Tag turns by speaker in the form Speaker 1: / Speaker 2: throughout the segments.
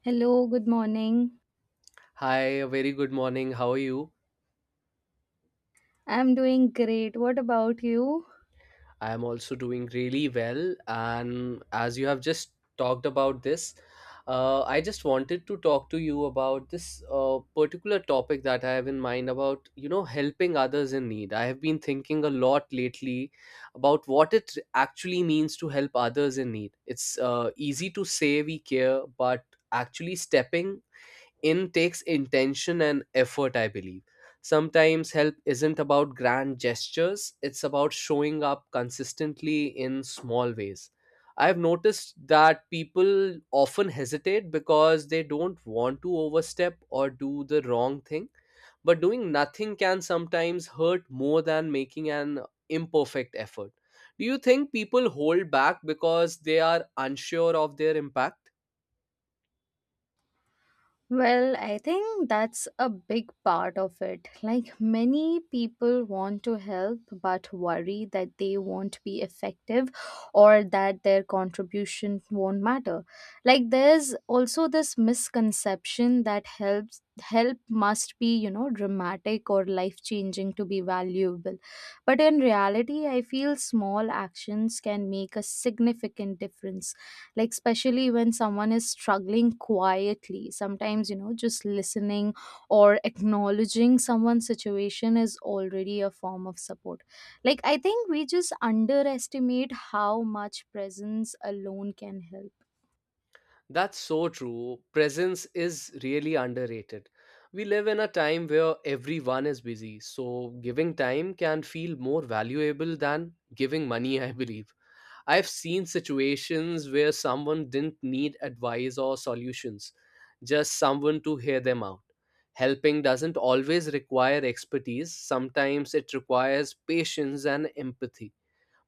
Speaker 1: Hello, good morning.
Speaker 2: Hi, a very good morning. How are you?
Speaker 1: I'm doing great. What about you?
Speaker 2: I am also doing really well. And as you have just talked about this, I just wanted to talk to you about this particular topic that I have in mind about, you know, helping others in need. I have been thinking a lot lately about what it actually means to help others in need. It's easy to say we care, but actually stepping in takes intention and effort, I believe. Sometimes help isn't about grand gestures, it's about showing up consistently in small ways. I've noticed that people often hesitate because they don't want to overstep or do the wrong thing, but doing nothing can sometimes hurt more than making an imperfect effort. Do you think people hold back because they are unsure of their impact?
Speaker 1: Well, I think that's a big part of it. Like, many people want to help but worry that they won't be effective or that their contribution won't matter. Like, there's also this misconception that help must be, you know, dramatic or life-changing to be valuable. But in reality, I feel small actions can make a significant difference, like especially when someone is struggling quietly. Sometimes, you know, just listening or acknowledging someone's situation is already a form of support. Like, I think we just underestimate how much presence alone can help.
Speaker 2: That's so true. Presence is really underrated. We live in a time where everyone is busy, so giving time can feel more valuable than giving money, I believe. I've seen situations where someone didn't need advice or solutions, just someone to hear them out. Helping doesn't always require expertise, sometimes it requires patience and empathy,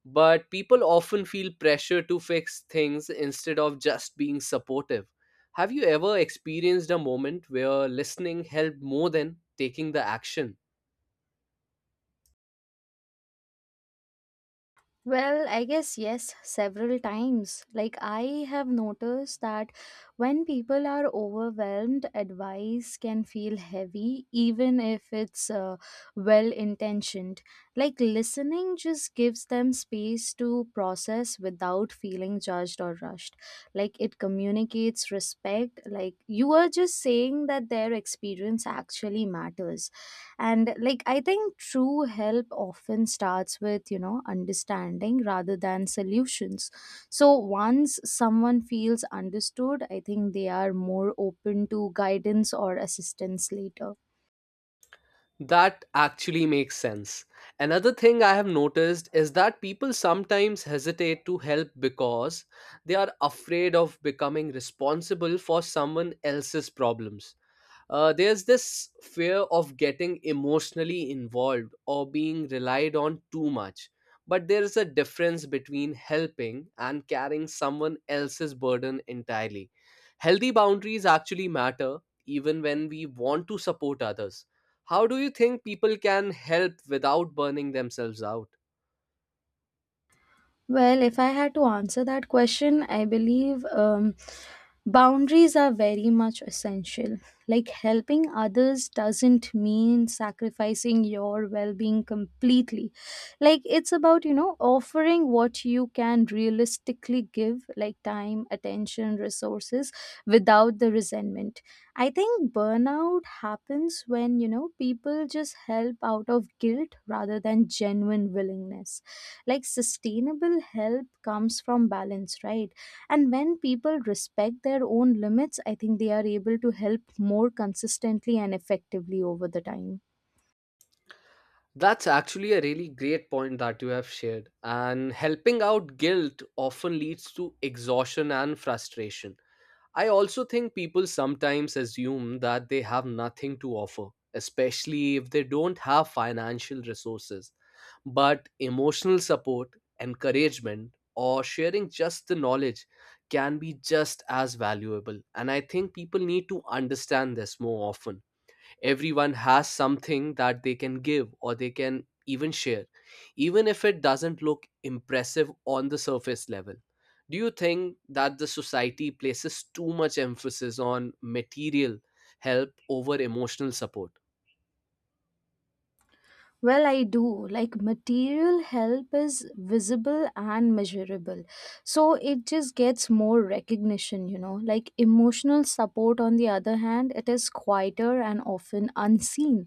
Speaker 2: but people often feel pressure to fix things instead of just being supportive. Have you ever experienced a moment where listening helped more than taking the action?
Speaker 1: Well, I guess yes, several times. Like, I have noticed that when people are overwhelmed, advice can feel heavy, even if it's well intentioned. Like, listening just gives them space to process without feeling judged or rushed. Like, it communicates respect. Like, you are just saying that their experience actually matters, and like I think true help often starts with, you know, understanding rather than solutions. So once someone feels understood, I think they are more open to guidance or assistance later.
Speaker 2: That actually makes sense. Another thing I have noticed is that people sometimes hesitate to help because they are afraid of becoming responsible for someone else's problems. There's this fear of getting emotionally involved or being relied on too much. But there is a difference between helping and carrying someone else's burden entirely. Healthy boundaries actually matter even when we want to support others. How do you think people can help without burning themselves out?
Speaker 1: Well, if I had to answer that question, I believe boundaries are very much essential. Like, helping others doesn't mean sacrificing your well being completely. Like, it's about, you know, offering what you can realistically give, like time, attention, resources, without the resentment. I think burnout happens when, you know, people just help out of guilt rather than genuine willingness. Like, sustainable health comes from balance, right? And when people respect their own limits, I think they are able to help more consistently and effectively over the time.
Speaker 2: That's actually a really great point that you have shared. And helping out guilt often leads to exhaustion and frustration. I also think people sometimes assume that they have nothing to offer, especially if they don't have financial resources. But emotional support, encouragement, or sharing just the knowledge can be just as valuable. And I think people need to understand this more often. Everyone has something that they can give or they can even share, even if it doesn't look impressive on the surface level. Do you think that the society places too much emphasis on material help over emotional support?
Speaker 1: Well, I do. Like, material help is visible and measurable, so it just gets more recognition, you know. Like, emotional support, on the other hand, it is quieter and often unseen,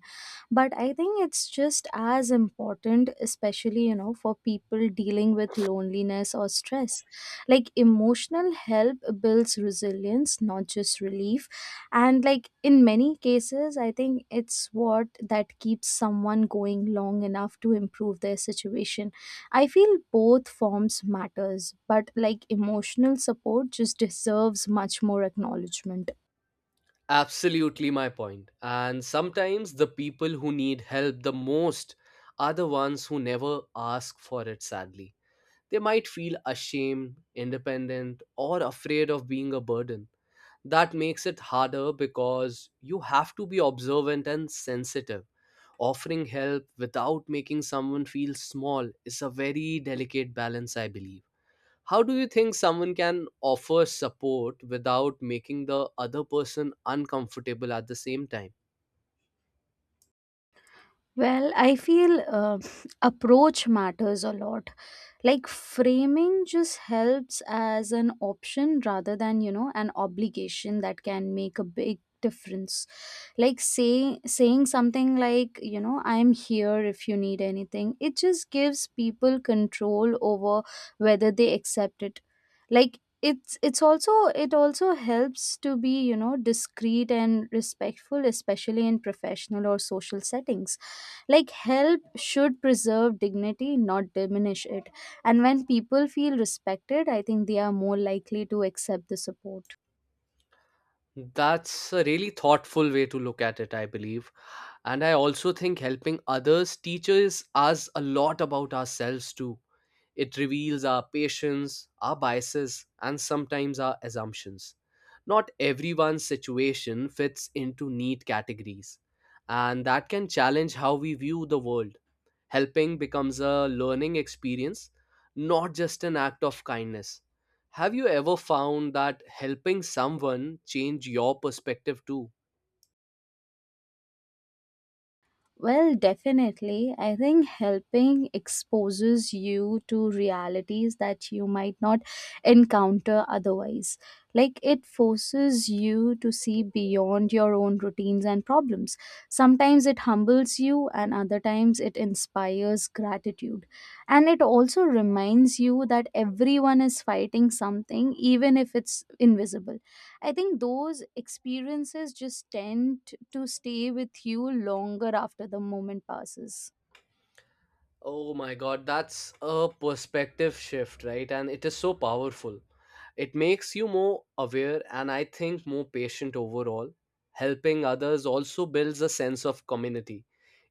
Speaker 1: but I think it's just as important, especially, you know, for people dealing with loneliness or stress. Like, emotional help builds resilience, not just relief. And like in many cases, I think it's what that keeps someone going long enough to improve their situation. I feel both forms matters, but like emotional support just deserves much more acknowledgement.
Speaker 2: Absolutely, my point. And sometimes the people who need help the most are the ones who never ask for it, sadly. They might feel ashamed, independent, or afraid of being a burden. That makes it harder because you have to be observant and sensitive. Offering help without making someone feel small is a very delicate balance, I believe. How do you think someone can offer support without making the other person uncomfortable at the same time?
Speaker 1: Well, I feel approach matters a lot. Like, framing just helps as an option rather than, you know, an obligation that can make a big difference. Like saying something like, you know, I'm here if you need anything, it just gives people control over whether they accept it. Like, it's also, it also helps to be, you know, discreet and respectful, especially in professional or social settings. Like, help should preserve dignity, not diminish it. And when people feel respected, I think they are more likely to accept the support.
Speaker 2: That's a really thoughtful way to look at it, I believe. And I also think helping others teaches us a lot about ourselves too. It reveals our patience, our biases, and sometimes our assumptions. Not everyone's situation fits into neat categories, and that can challenge how we view the world. Helping becomes a learning experience, not just an act of kindness. Have you ever found that helping someone change your perspective too?
Speaker 1: Well, definitely. I think helping exposes you to realities that you might not encounter otherwise. Like, it forces you to see beyond your own routines and problems. Sometimes it humbles you, and other times it inspires gratitude. And it also reminds you that everyone is fighting something, even if it's invisible. I think those experiences just tend to stay with you longer after the moment passes.
Speaker 2: Oh my God, that's a perspective shift, right? And it is so powerful. It makes you more aware and I think more patient overall. Helping others also builds a sense of community.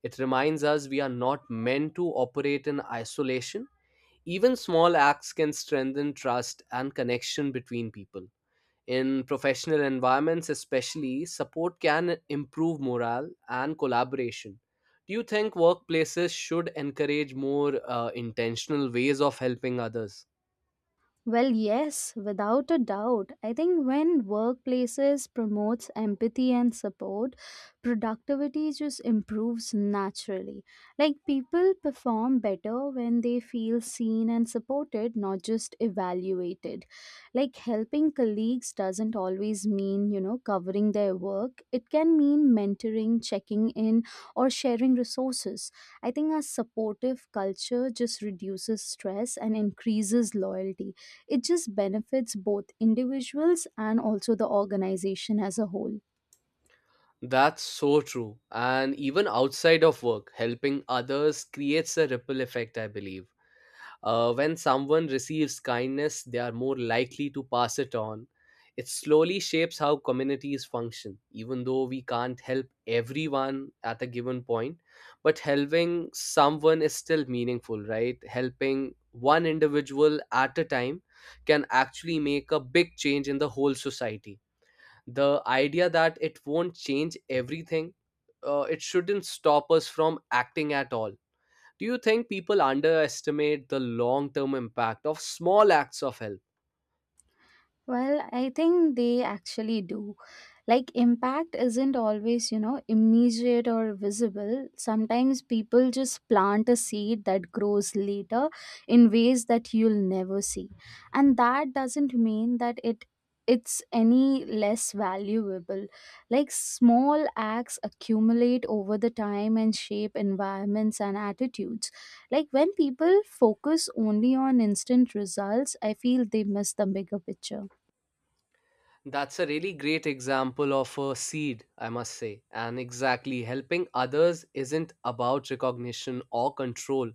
Speaker 2: It reminds us we are not meant to operate in isolation. Even small acts can strengthen trust and connection between people. In professional environments, especially, support can improve morale and collaboration. Do you think workplaces should encourage more intentional ways of helping others?
Speaker 1: Well, yes, without a doubt. I think when workplaces promotes empathy and support, productivity just improves naturally. Like, people perform better when they feel seen and supported, not just evaluated. Like, helping colleagues doesn't always mean, you know, covering their work. It can mean mentoring, checking in, or sharing resources. I think a supportive culture just reduces stress and increases loyalty. It just benefits both individuals and also the organization as a whole.
Speaker 2: That's so true. And even outside of work, helping others creates a ripple effect, I believe. When someone receives kindness, they are more likely to pass it on. It slowly shapes how communities function, even though we can't help everyone at a given point. But helping someone is still meaningful, right? Helping one individual at a time can actually make a big change in the whole society. The idea that it won't change everything, it shouldn't stop us from acting at all. Do you think people underestimate the long term impact of small acts of help?
Speaker 1: Well, I think they actually do. Like, impact isn't always, you know, immediate or visible. Sometimes people just plant a seed that grows later in ways that you'll never see. And that doesn't mean that it's any less valuable. Like, small acts accumulate over the time and shape environments and attitudes. Like, when people focus only on instant results, I feel they miss the bigger picture.
Speaker 2: That's a really great example of a seed, I must say. And exactly, helping others isn't about recognition or control,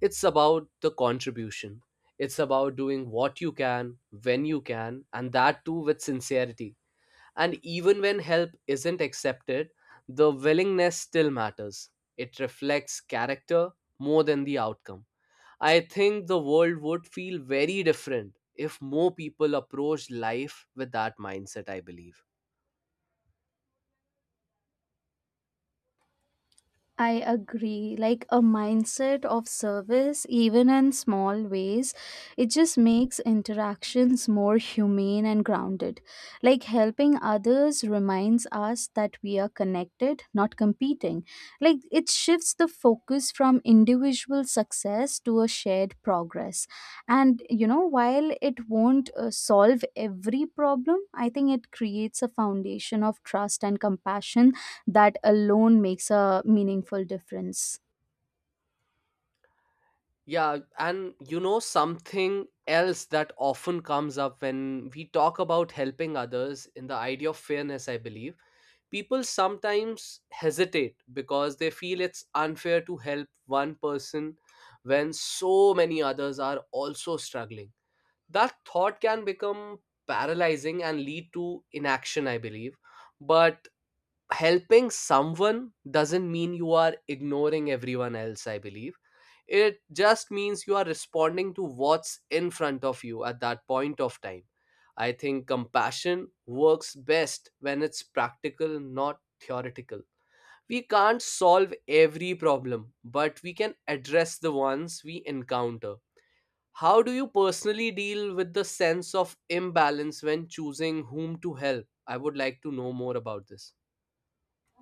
Speaker 2: it's about the contribution. It's about doing what you can, when you can, and that too with sincerity. And even when help isn't accepted, the willingness still matters. It reflects character more than the outcome. I think the world would feel very different if more people approached life with that mindset, I believe.
Speaker 1: I agree. Like, a mindset of service, even in small ways, it just makes interactions more humane and grounded. Like, helping others reminds us that we are connected, not competing. Like, it shifts the focus from individual success to a shared progress. And, you know, while it won't solve every problem, I think it creates a foundation of trust and compassion that alone makes a meaningful difference.
Speaker 2: Yeah, and you know, something else that often comes up when we talk about helping others in the idea of fairness, I believe, people sometimes hesitate because they feel it's unfair to help one person when so many others are also struggling. That thought can become paralyzing and lead to inaction, I believe. But helping someone doesn't mean you are ignoring everyone else, I believe. It just means you are responding to what's in front of you at that point of time. I think compassion works best when it's practical, not theoretical. We can't solve every problem, but we can address the ones we encounter. How do you personally deal with the sense of imbalance when choosing whom to help? I would like to know more about this.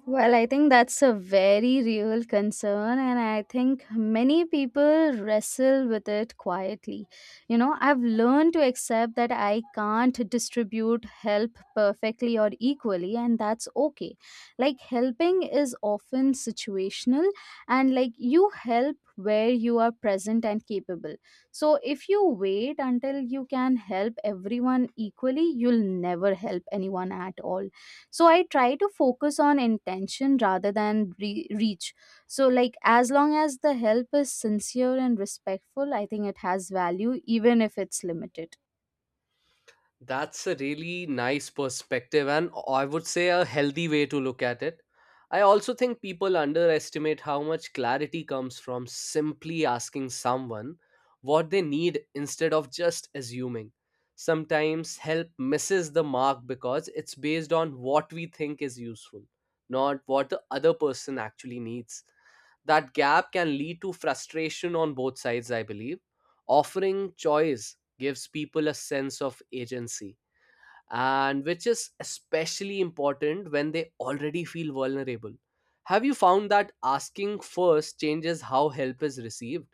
Speaker 1: Well, I think that's a very real concern, and I think many people wrestle with it quietly. You know, I've learned to accept that I can't distribute help perfectly or equally, and that's okay. Like, helping is often situational, and like, you help where you are present and capable. So, if you wait until you can help everyone equally, you'll never help anyone at all. So I try to focus on intention rather than reach. So like, as long as the help is sincere and respectful, I think it has value even if it's limited.
Speaker 2: That's a really nice perspective, and I would say a healthy way to look at it. I also think people underestimate how much clarity comes from simply asking someone what they need instead of just assuming. Sometimes help misses the mark because it's based on what we think is useful, not what the other person actually needs. That gap can lead to frustration on both sides, I believe. Offering choice gives people a sense of agency, and which is especially important when they already feel vulnerable. Have you found that asking first changes how help is received?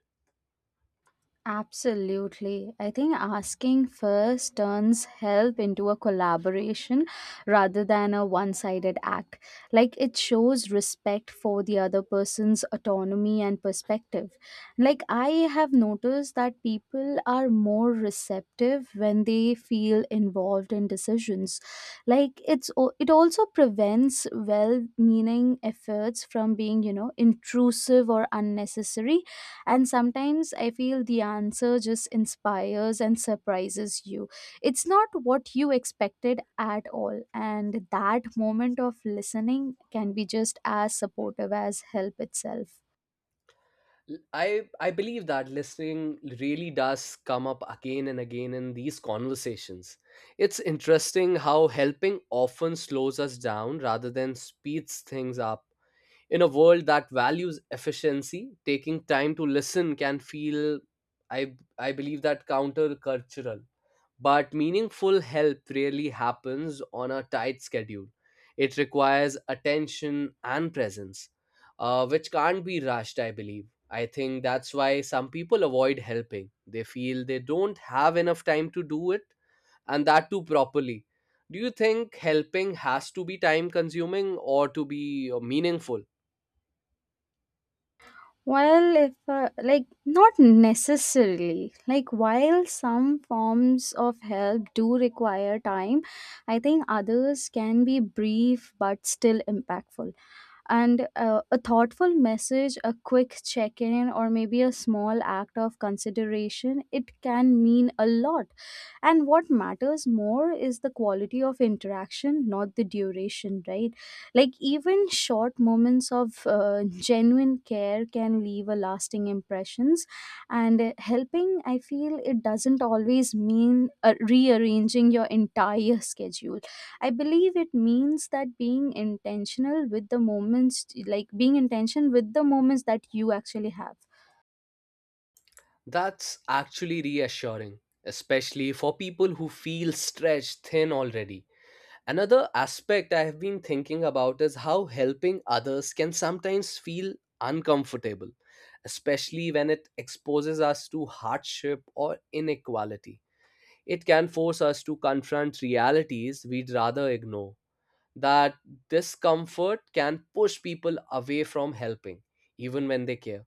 Speaker 1: Absolutely. I think asking first turns help into a collaboration rather than a one sided act. Like, it shows respect for the other person's autonomy and perspective. Like, I have noticed that people are more receptive when they feel involved in decisions. Like, it also prevents well meaning efforts from being, you know, intrusive or unnecessary. And sometimes I feel the answer just inspires and surprises you. It's not what you expected at all. And that moment of listening can be just as supportive as help itself.
Speaker 2: I believe that listening really does come up again and again in these conversations. It's interesting how helping often slows us down rather than speeds things up. In a world that values efficiency, taking time to listen can feel, I believe, that countercultural. But meaningful help rarely happens on a tight schedule. It requires attention and presence, which can't be rushed, I believe. I think that's why some people avoid helping. They feel they don't have enough time to do it, and that too properly. Do you think helping has to be time consuming or to be meaningful?
Speaker 1: Well, if like not necessarily, like while some forms of help do require time, I think others can be brief but still impactful. And a thoughtful message, a quick check in, or maybe a small act of consideration, it can mean a lot. And what matters more is the quality of interaction, not the duration, right? Like, even short moments of genuine care can leave a lasting impressions. And helping, I feel, it doesn't always mean rearranging your entire schedule. I believe it means that being intentional with the moments, like being intentional with the moments that you actually have.
Speaker 2: That's actually reassuring, especially for people who feel stretched thin already. Another aspect I have been thinking about is how helping others can sometimes feel uncomfortable, especially when it exposes us to hardship or inequality. It can force us to confront realities we'd rather ignore. That discomfort can push people away from helping, even when they care.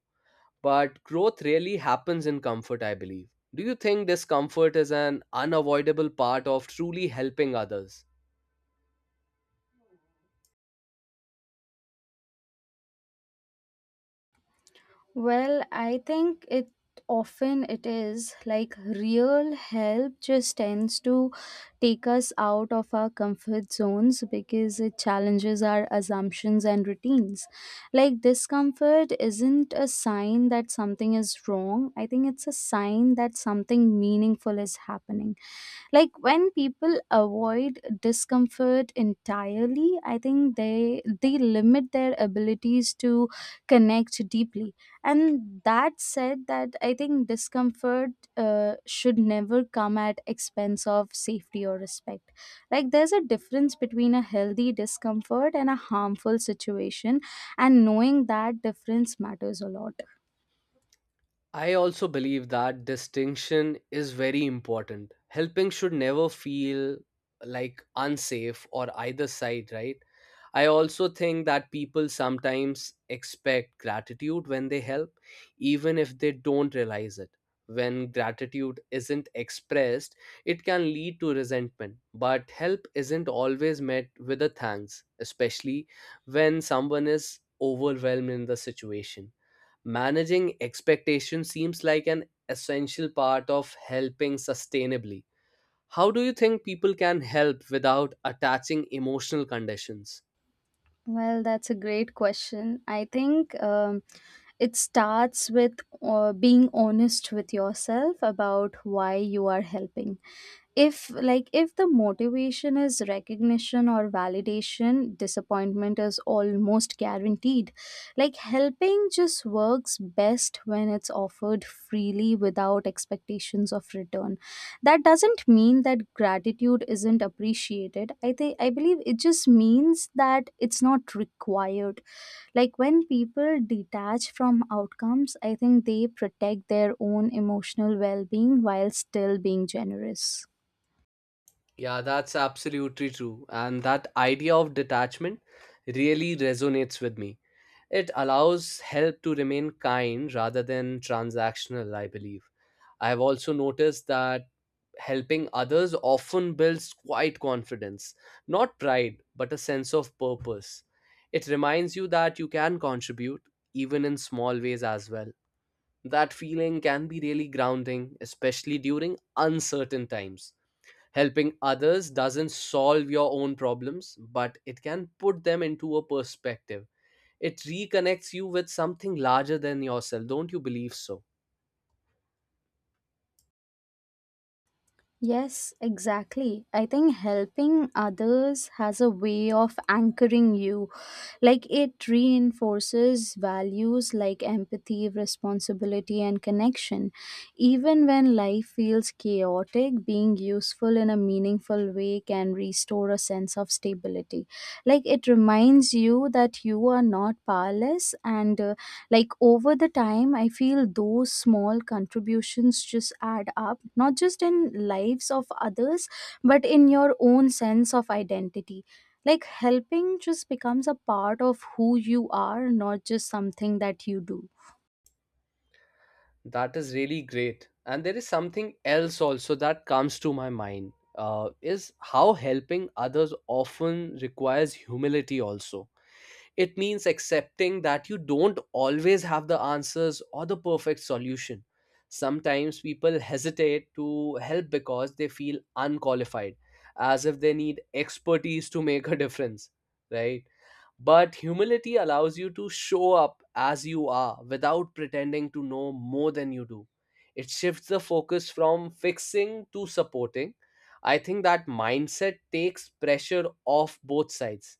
Speaker 2: But growth really happens in comfort, I believe. Do you think discomfort is an unavoidable part of truly helping others?
Speaker 1: Well, I think it often it is. Like, real help just tends to take us out of our comfort zones because it challenges our assumptions and routines. Like, discomfort isn't a sign that something is wrong. I think it's a sign that something meaningful is happening. Like, when people avoid discomfort entirely, I think they limit their abilities to connect deeply. And that said, that I think discomfort should never come at expense of safety or respect. Like, there's a difference between a healthy discomfort and a harmful situation, and knowing that difference matters a lot.
Speaker 2: I also believe that distinction is very important. Helping should never feel like unsafe or either side, right? I also think that people sometimes expect gratitude when they help, even if they don't realize it. When gratitude isn't expressed, it can lead to resentment. But help isn't always met with a thanks, especially when someone is overwhelmed in the situation. Managing expectations seems like an essential part of helping sustainably. How do you think people can help without attaching emotional conditions?
Speaker 1: Well, that's a great question. I think it starts with being honest with yourself about why you are helping. If like, if the motivation is recognition or validation, disappointment is almost guaranteed. Like, helping just works best when it's offered freely without expectations of return. That doesn't mean that gratitude isn't appreciated. I believe it just means that it's not required. Like, when people detach from outcomes, I think they protect their own emotional well-being while still being generous.
Speaker 2: Yeah, that's absolutely true. And that idea of detachment really resonates with me. It allows help to remain kind rather than transactional, I believe. I have also noticed that helping others often builds quite confidence, not pride, but a sense of purpose. It reminds you that you can contribute, even in small ways as well. That feeling can be really grounding, especially during uncertain times. Helping others doesn't solve your own problems, but it can put them into a perspective. It reconnects you with something larger than yourself, don't you believe so?
Speaker 1: Yes, exactly. I think helping others has a way of anchoring you. Like, it reinforces values like empathy, responsibility, and connection. Even when life feels chaotic, being useful in a meaningful way can restore a sense of stability. Like, it reminds you that you are not powerless. And like over the time, I feel those small contributions just add up, not just in lives of others, but in your own sense of identity. Like, helping just becomes a part of who you are, not just something that you do.
Speaker 2: That is really great. And there is something else also that comes to my mind, is how helping others often requires humility also. It means accepting that you don't always have the answers or the perfect solution. Sometimes people hesitate to help because they feel unqualified, as if they need expertise to make a difference, right? But humility allows you to show up as you are without pretending to know more than you do. It shifts the focus from fixing to supporting. I think that mindset takes pressure off both sides.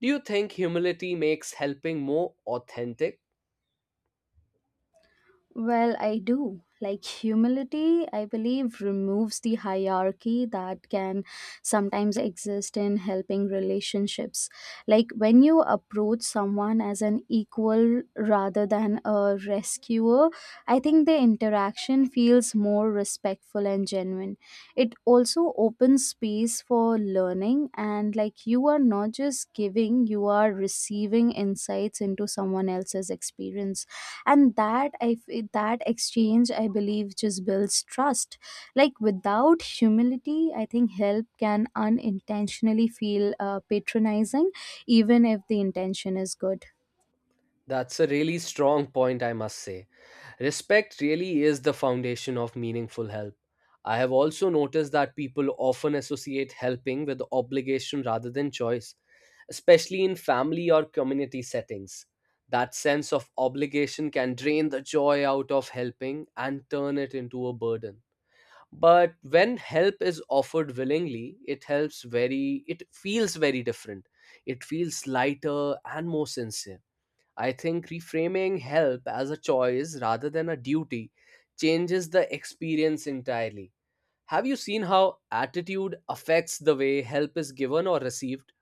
Speaker 2: Do you think humility makes helping more authentic?
Speaker 1: Well, I do. Like, humility, I believe, removes the hierarchy that can sometimes exist in helping relationships. Like, when you approach someone as an equal rather than a rescuer, I think the interaction feels more respectful and genuine. It also opens space for learning, and like, you are not just giving, you are receiving insights into someone else's experience. And that exchange, I believe, just builds trust. Like, without humility, I think help can unintentionally feel patronizing, even if the intention is good.
Speaker 2: That's a really strong point, I must say. Respect really is the foundation of meaningful help. I have also noticed that people often associate helping with obligation rather than choice, especially in family or community settings. That sense of obligation can drain the joy out of helping and turn it into a burden. But when help is offered willingly it feels very different. It feels lighter and more sincere. I think reframing help as a choice rather than a duty changes the experience entirely. Have you seen how attitude affects the way help is given or received?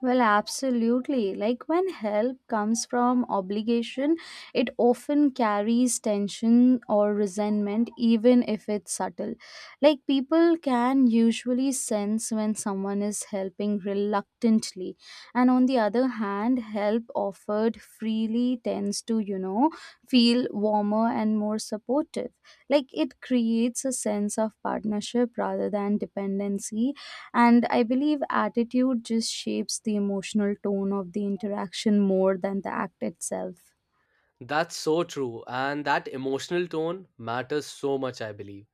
Speaker 1: Well, absolutely. Like, when help comes from obligation, it often carries tension or resentment, even if it's subtle. Like, people can usually sense when someone is helping reluctantly. And on the other hand, help offered freely tends to, you know, feel warmer and more supportive. Like, it creates a sense of partnership rather than dependency. And I believe attitude just shapes the emotional tone of the interaction more than the act itself.
Speaker 2: That's so true, and that emotional tone matters so much, I believe,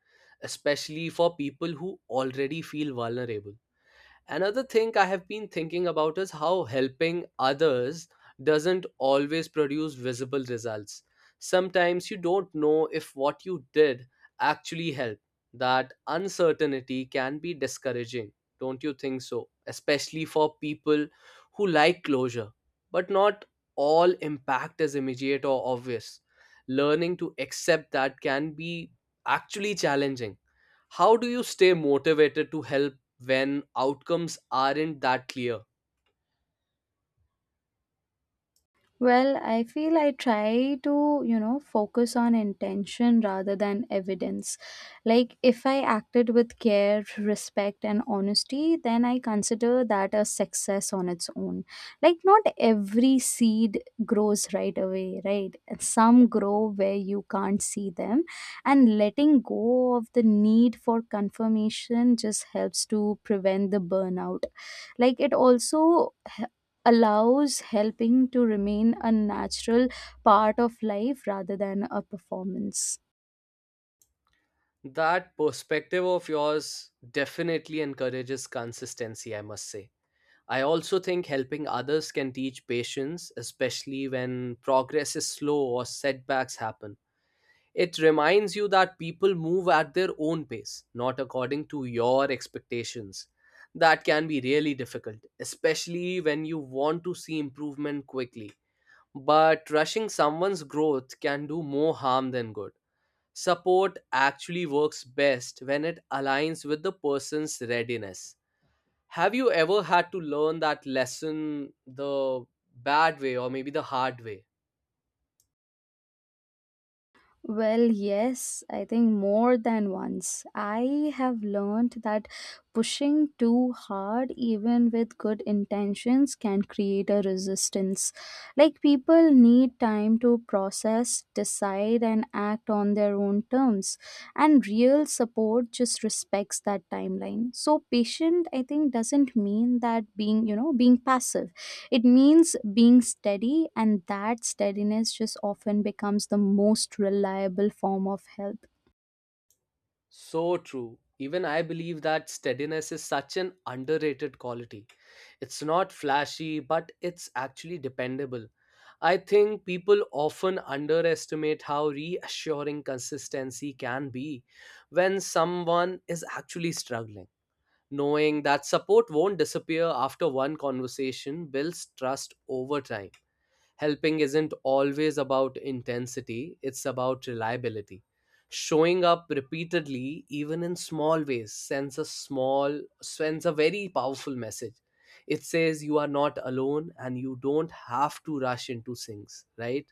Speaker 2: especially for people who already feel vulnerable. Another thing I have been thinking about is how helping others doesn't always produce visible results. Sometimes you don't know if what you did actually helped. That uncertainty can be discouraging, don't you think so? Especially for people who like closure. But not all impact is immediate or obvious. Learning to accept that can be actually challenging. How do you stay motivated to help when outcomes aren't that clear?
Speaker 1: Well, I feel I try to, you know, focus on intention rather than evidence. Like, if I acted with care, respect, and honesty, then I consider that a success on its own. Like, not every seed grows right away, right? Some grow where you can't see them. And letting go of the need for confirmation just helps to prevent the burnout. Like, it also allows helping to remain a natural part of life rather than a performance.
Speaker 2: That perspective of yours definitely encourages consistency, I must say. I also think helping others can teach patience, especially when progress is slow or setbacks happen. It reminds you that people move at their own pace, not according to your expectations. That can be really difficult, especially when you want to see improvement quickly. But rushing someone's growth can do more harm than good. Support actually works best when it aligns with the person's readiness. Have you ever had to learn that lesson the bad way or maybe the hard way?
Speaker 1: Well, yes, I think more than once. I have learned that pushing too hard, even with good intentions, can create a resistance. Like, people need time to process, decide, and act on their own terms. And real support just respects that timeline. So patient, I think, doesn't mean that being, you know, being passive. It means being steady, and that steadiness just often becomes the most reliable form of help.
Speaker 2: So true. Even I believe that steadiness is such an underrated quality. It's not flashy, but it's actually dependable. I think people often underestimate how reassuring consistency can be when someone is actually struggling. Knowing that support won't disappear after one conversation builds trust over time. Helping isn't always about intensity, it's about reliability. Showing up repeatedly, even in small ways, sends a very powerful message. It says you are not alone and you don't have to rush into things, right?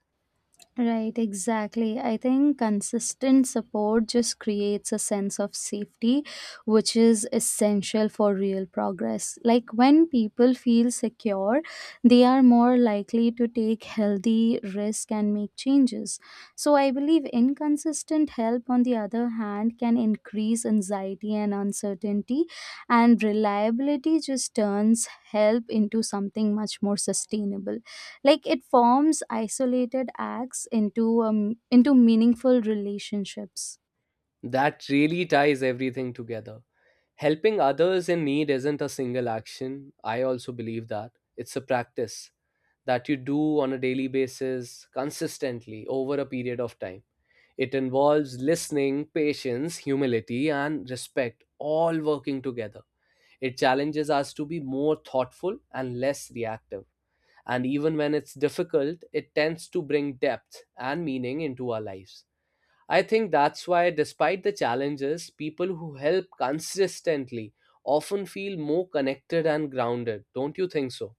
Speaker 1: Right, exactly. I think consistent support just creates a sense of safety, which is essential for real progress. Like, when people feel secure, they are more likely to take healthy risk and make changes. So I believe inconsistent help, on the other hand, can increase anxiety and uncertainty, and reliability just turns help into something much more sustainable. Like, it forms isolated acts into meaningful relationships.
Speaker 2: That really ties everything together. Helping others in need isn't a single action. I also believe that. It's a practice that you do on a daily basis, consistently, over a period of time. It involves listening, patience, humility, and respect all working together. It challenges us to be more thoughtful and less reactive. And even when it's difficult, it tends to bring depth and meaning into our lives. I think that's why, despite the challenges, people who help consistently often feel more connected and grounded. Don't you think so?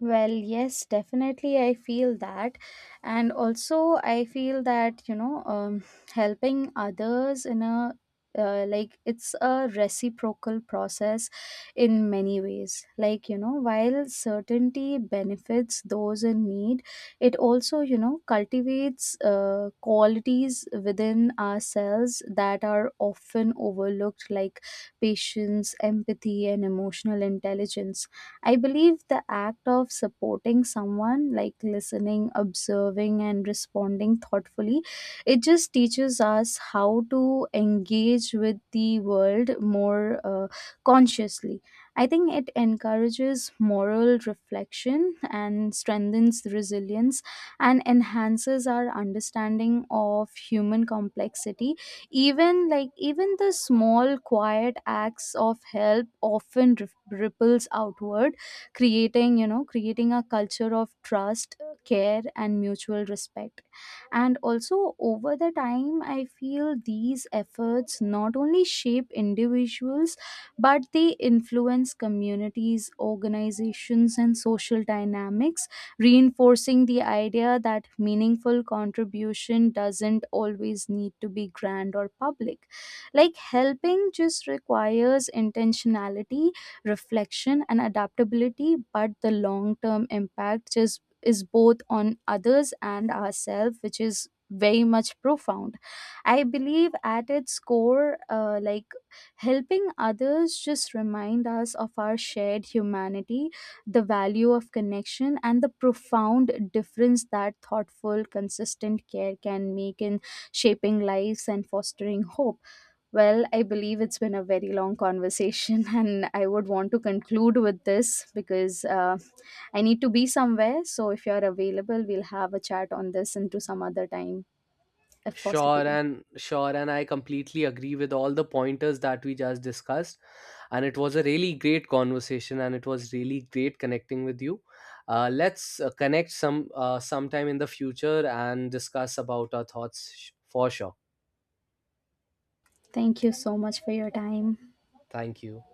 Speaker 1: Well, yes, definitely. I feel that. And also, I feel that, you know, helping others in a like, it's a reciprocal process in many ways. Like, you know, while certainty benefits those in need, it also, you know, cultivates qualities within ourselves that are often overlooked, like patience, empathy, and emotional intelligence. I believe the act of supporting someone, like listening, observing, and responding thoughtfully, it just teaches us how to engage with the world more consciously. I think it encourages moral reflection and strengthens resilience and enhances our understanding of human complexity. Even the small quiet acts of help often ripples outward, creating, you know, creating a culture of trust, care, and mutual respect. And also over the time, I feel these efforts not only shape individuals, but they influence communities, organizations, and social dynamics, reinforcing the idea that meaningful contribution doesn't always need to be grand or public. Like, helping just requires intentionality, reflection, and adaptability. But the long term impact is both on others and ourselves, which is very much profound. I believe at its core like helping others just remind us of our shared humanity, the value of connection, and the profound difference that thoughtful consistent care can make in shaping lives and fostering hope. Well, I believe it's been a very long conversation, and I would want to conclude with this because I need to be somewhere. So, if you're available, we'll have a chat on this into some other time if possible.
Speaker 2: Sure, and I completely agree with all the pointers that we just discussed, and it was a really great conversation and it was really great connecting with you. Let's connect sometime in the future and discuss about our thoughts for sure.
Speaker 1: Thank you so much for your time.
Speaker 2: Thank you.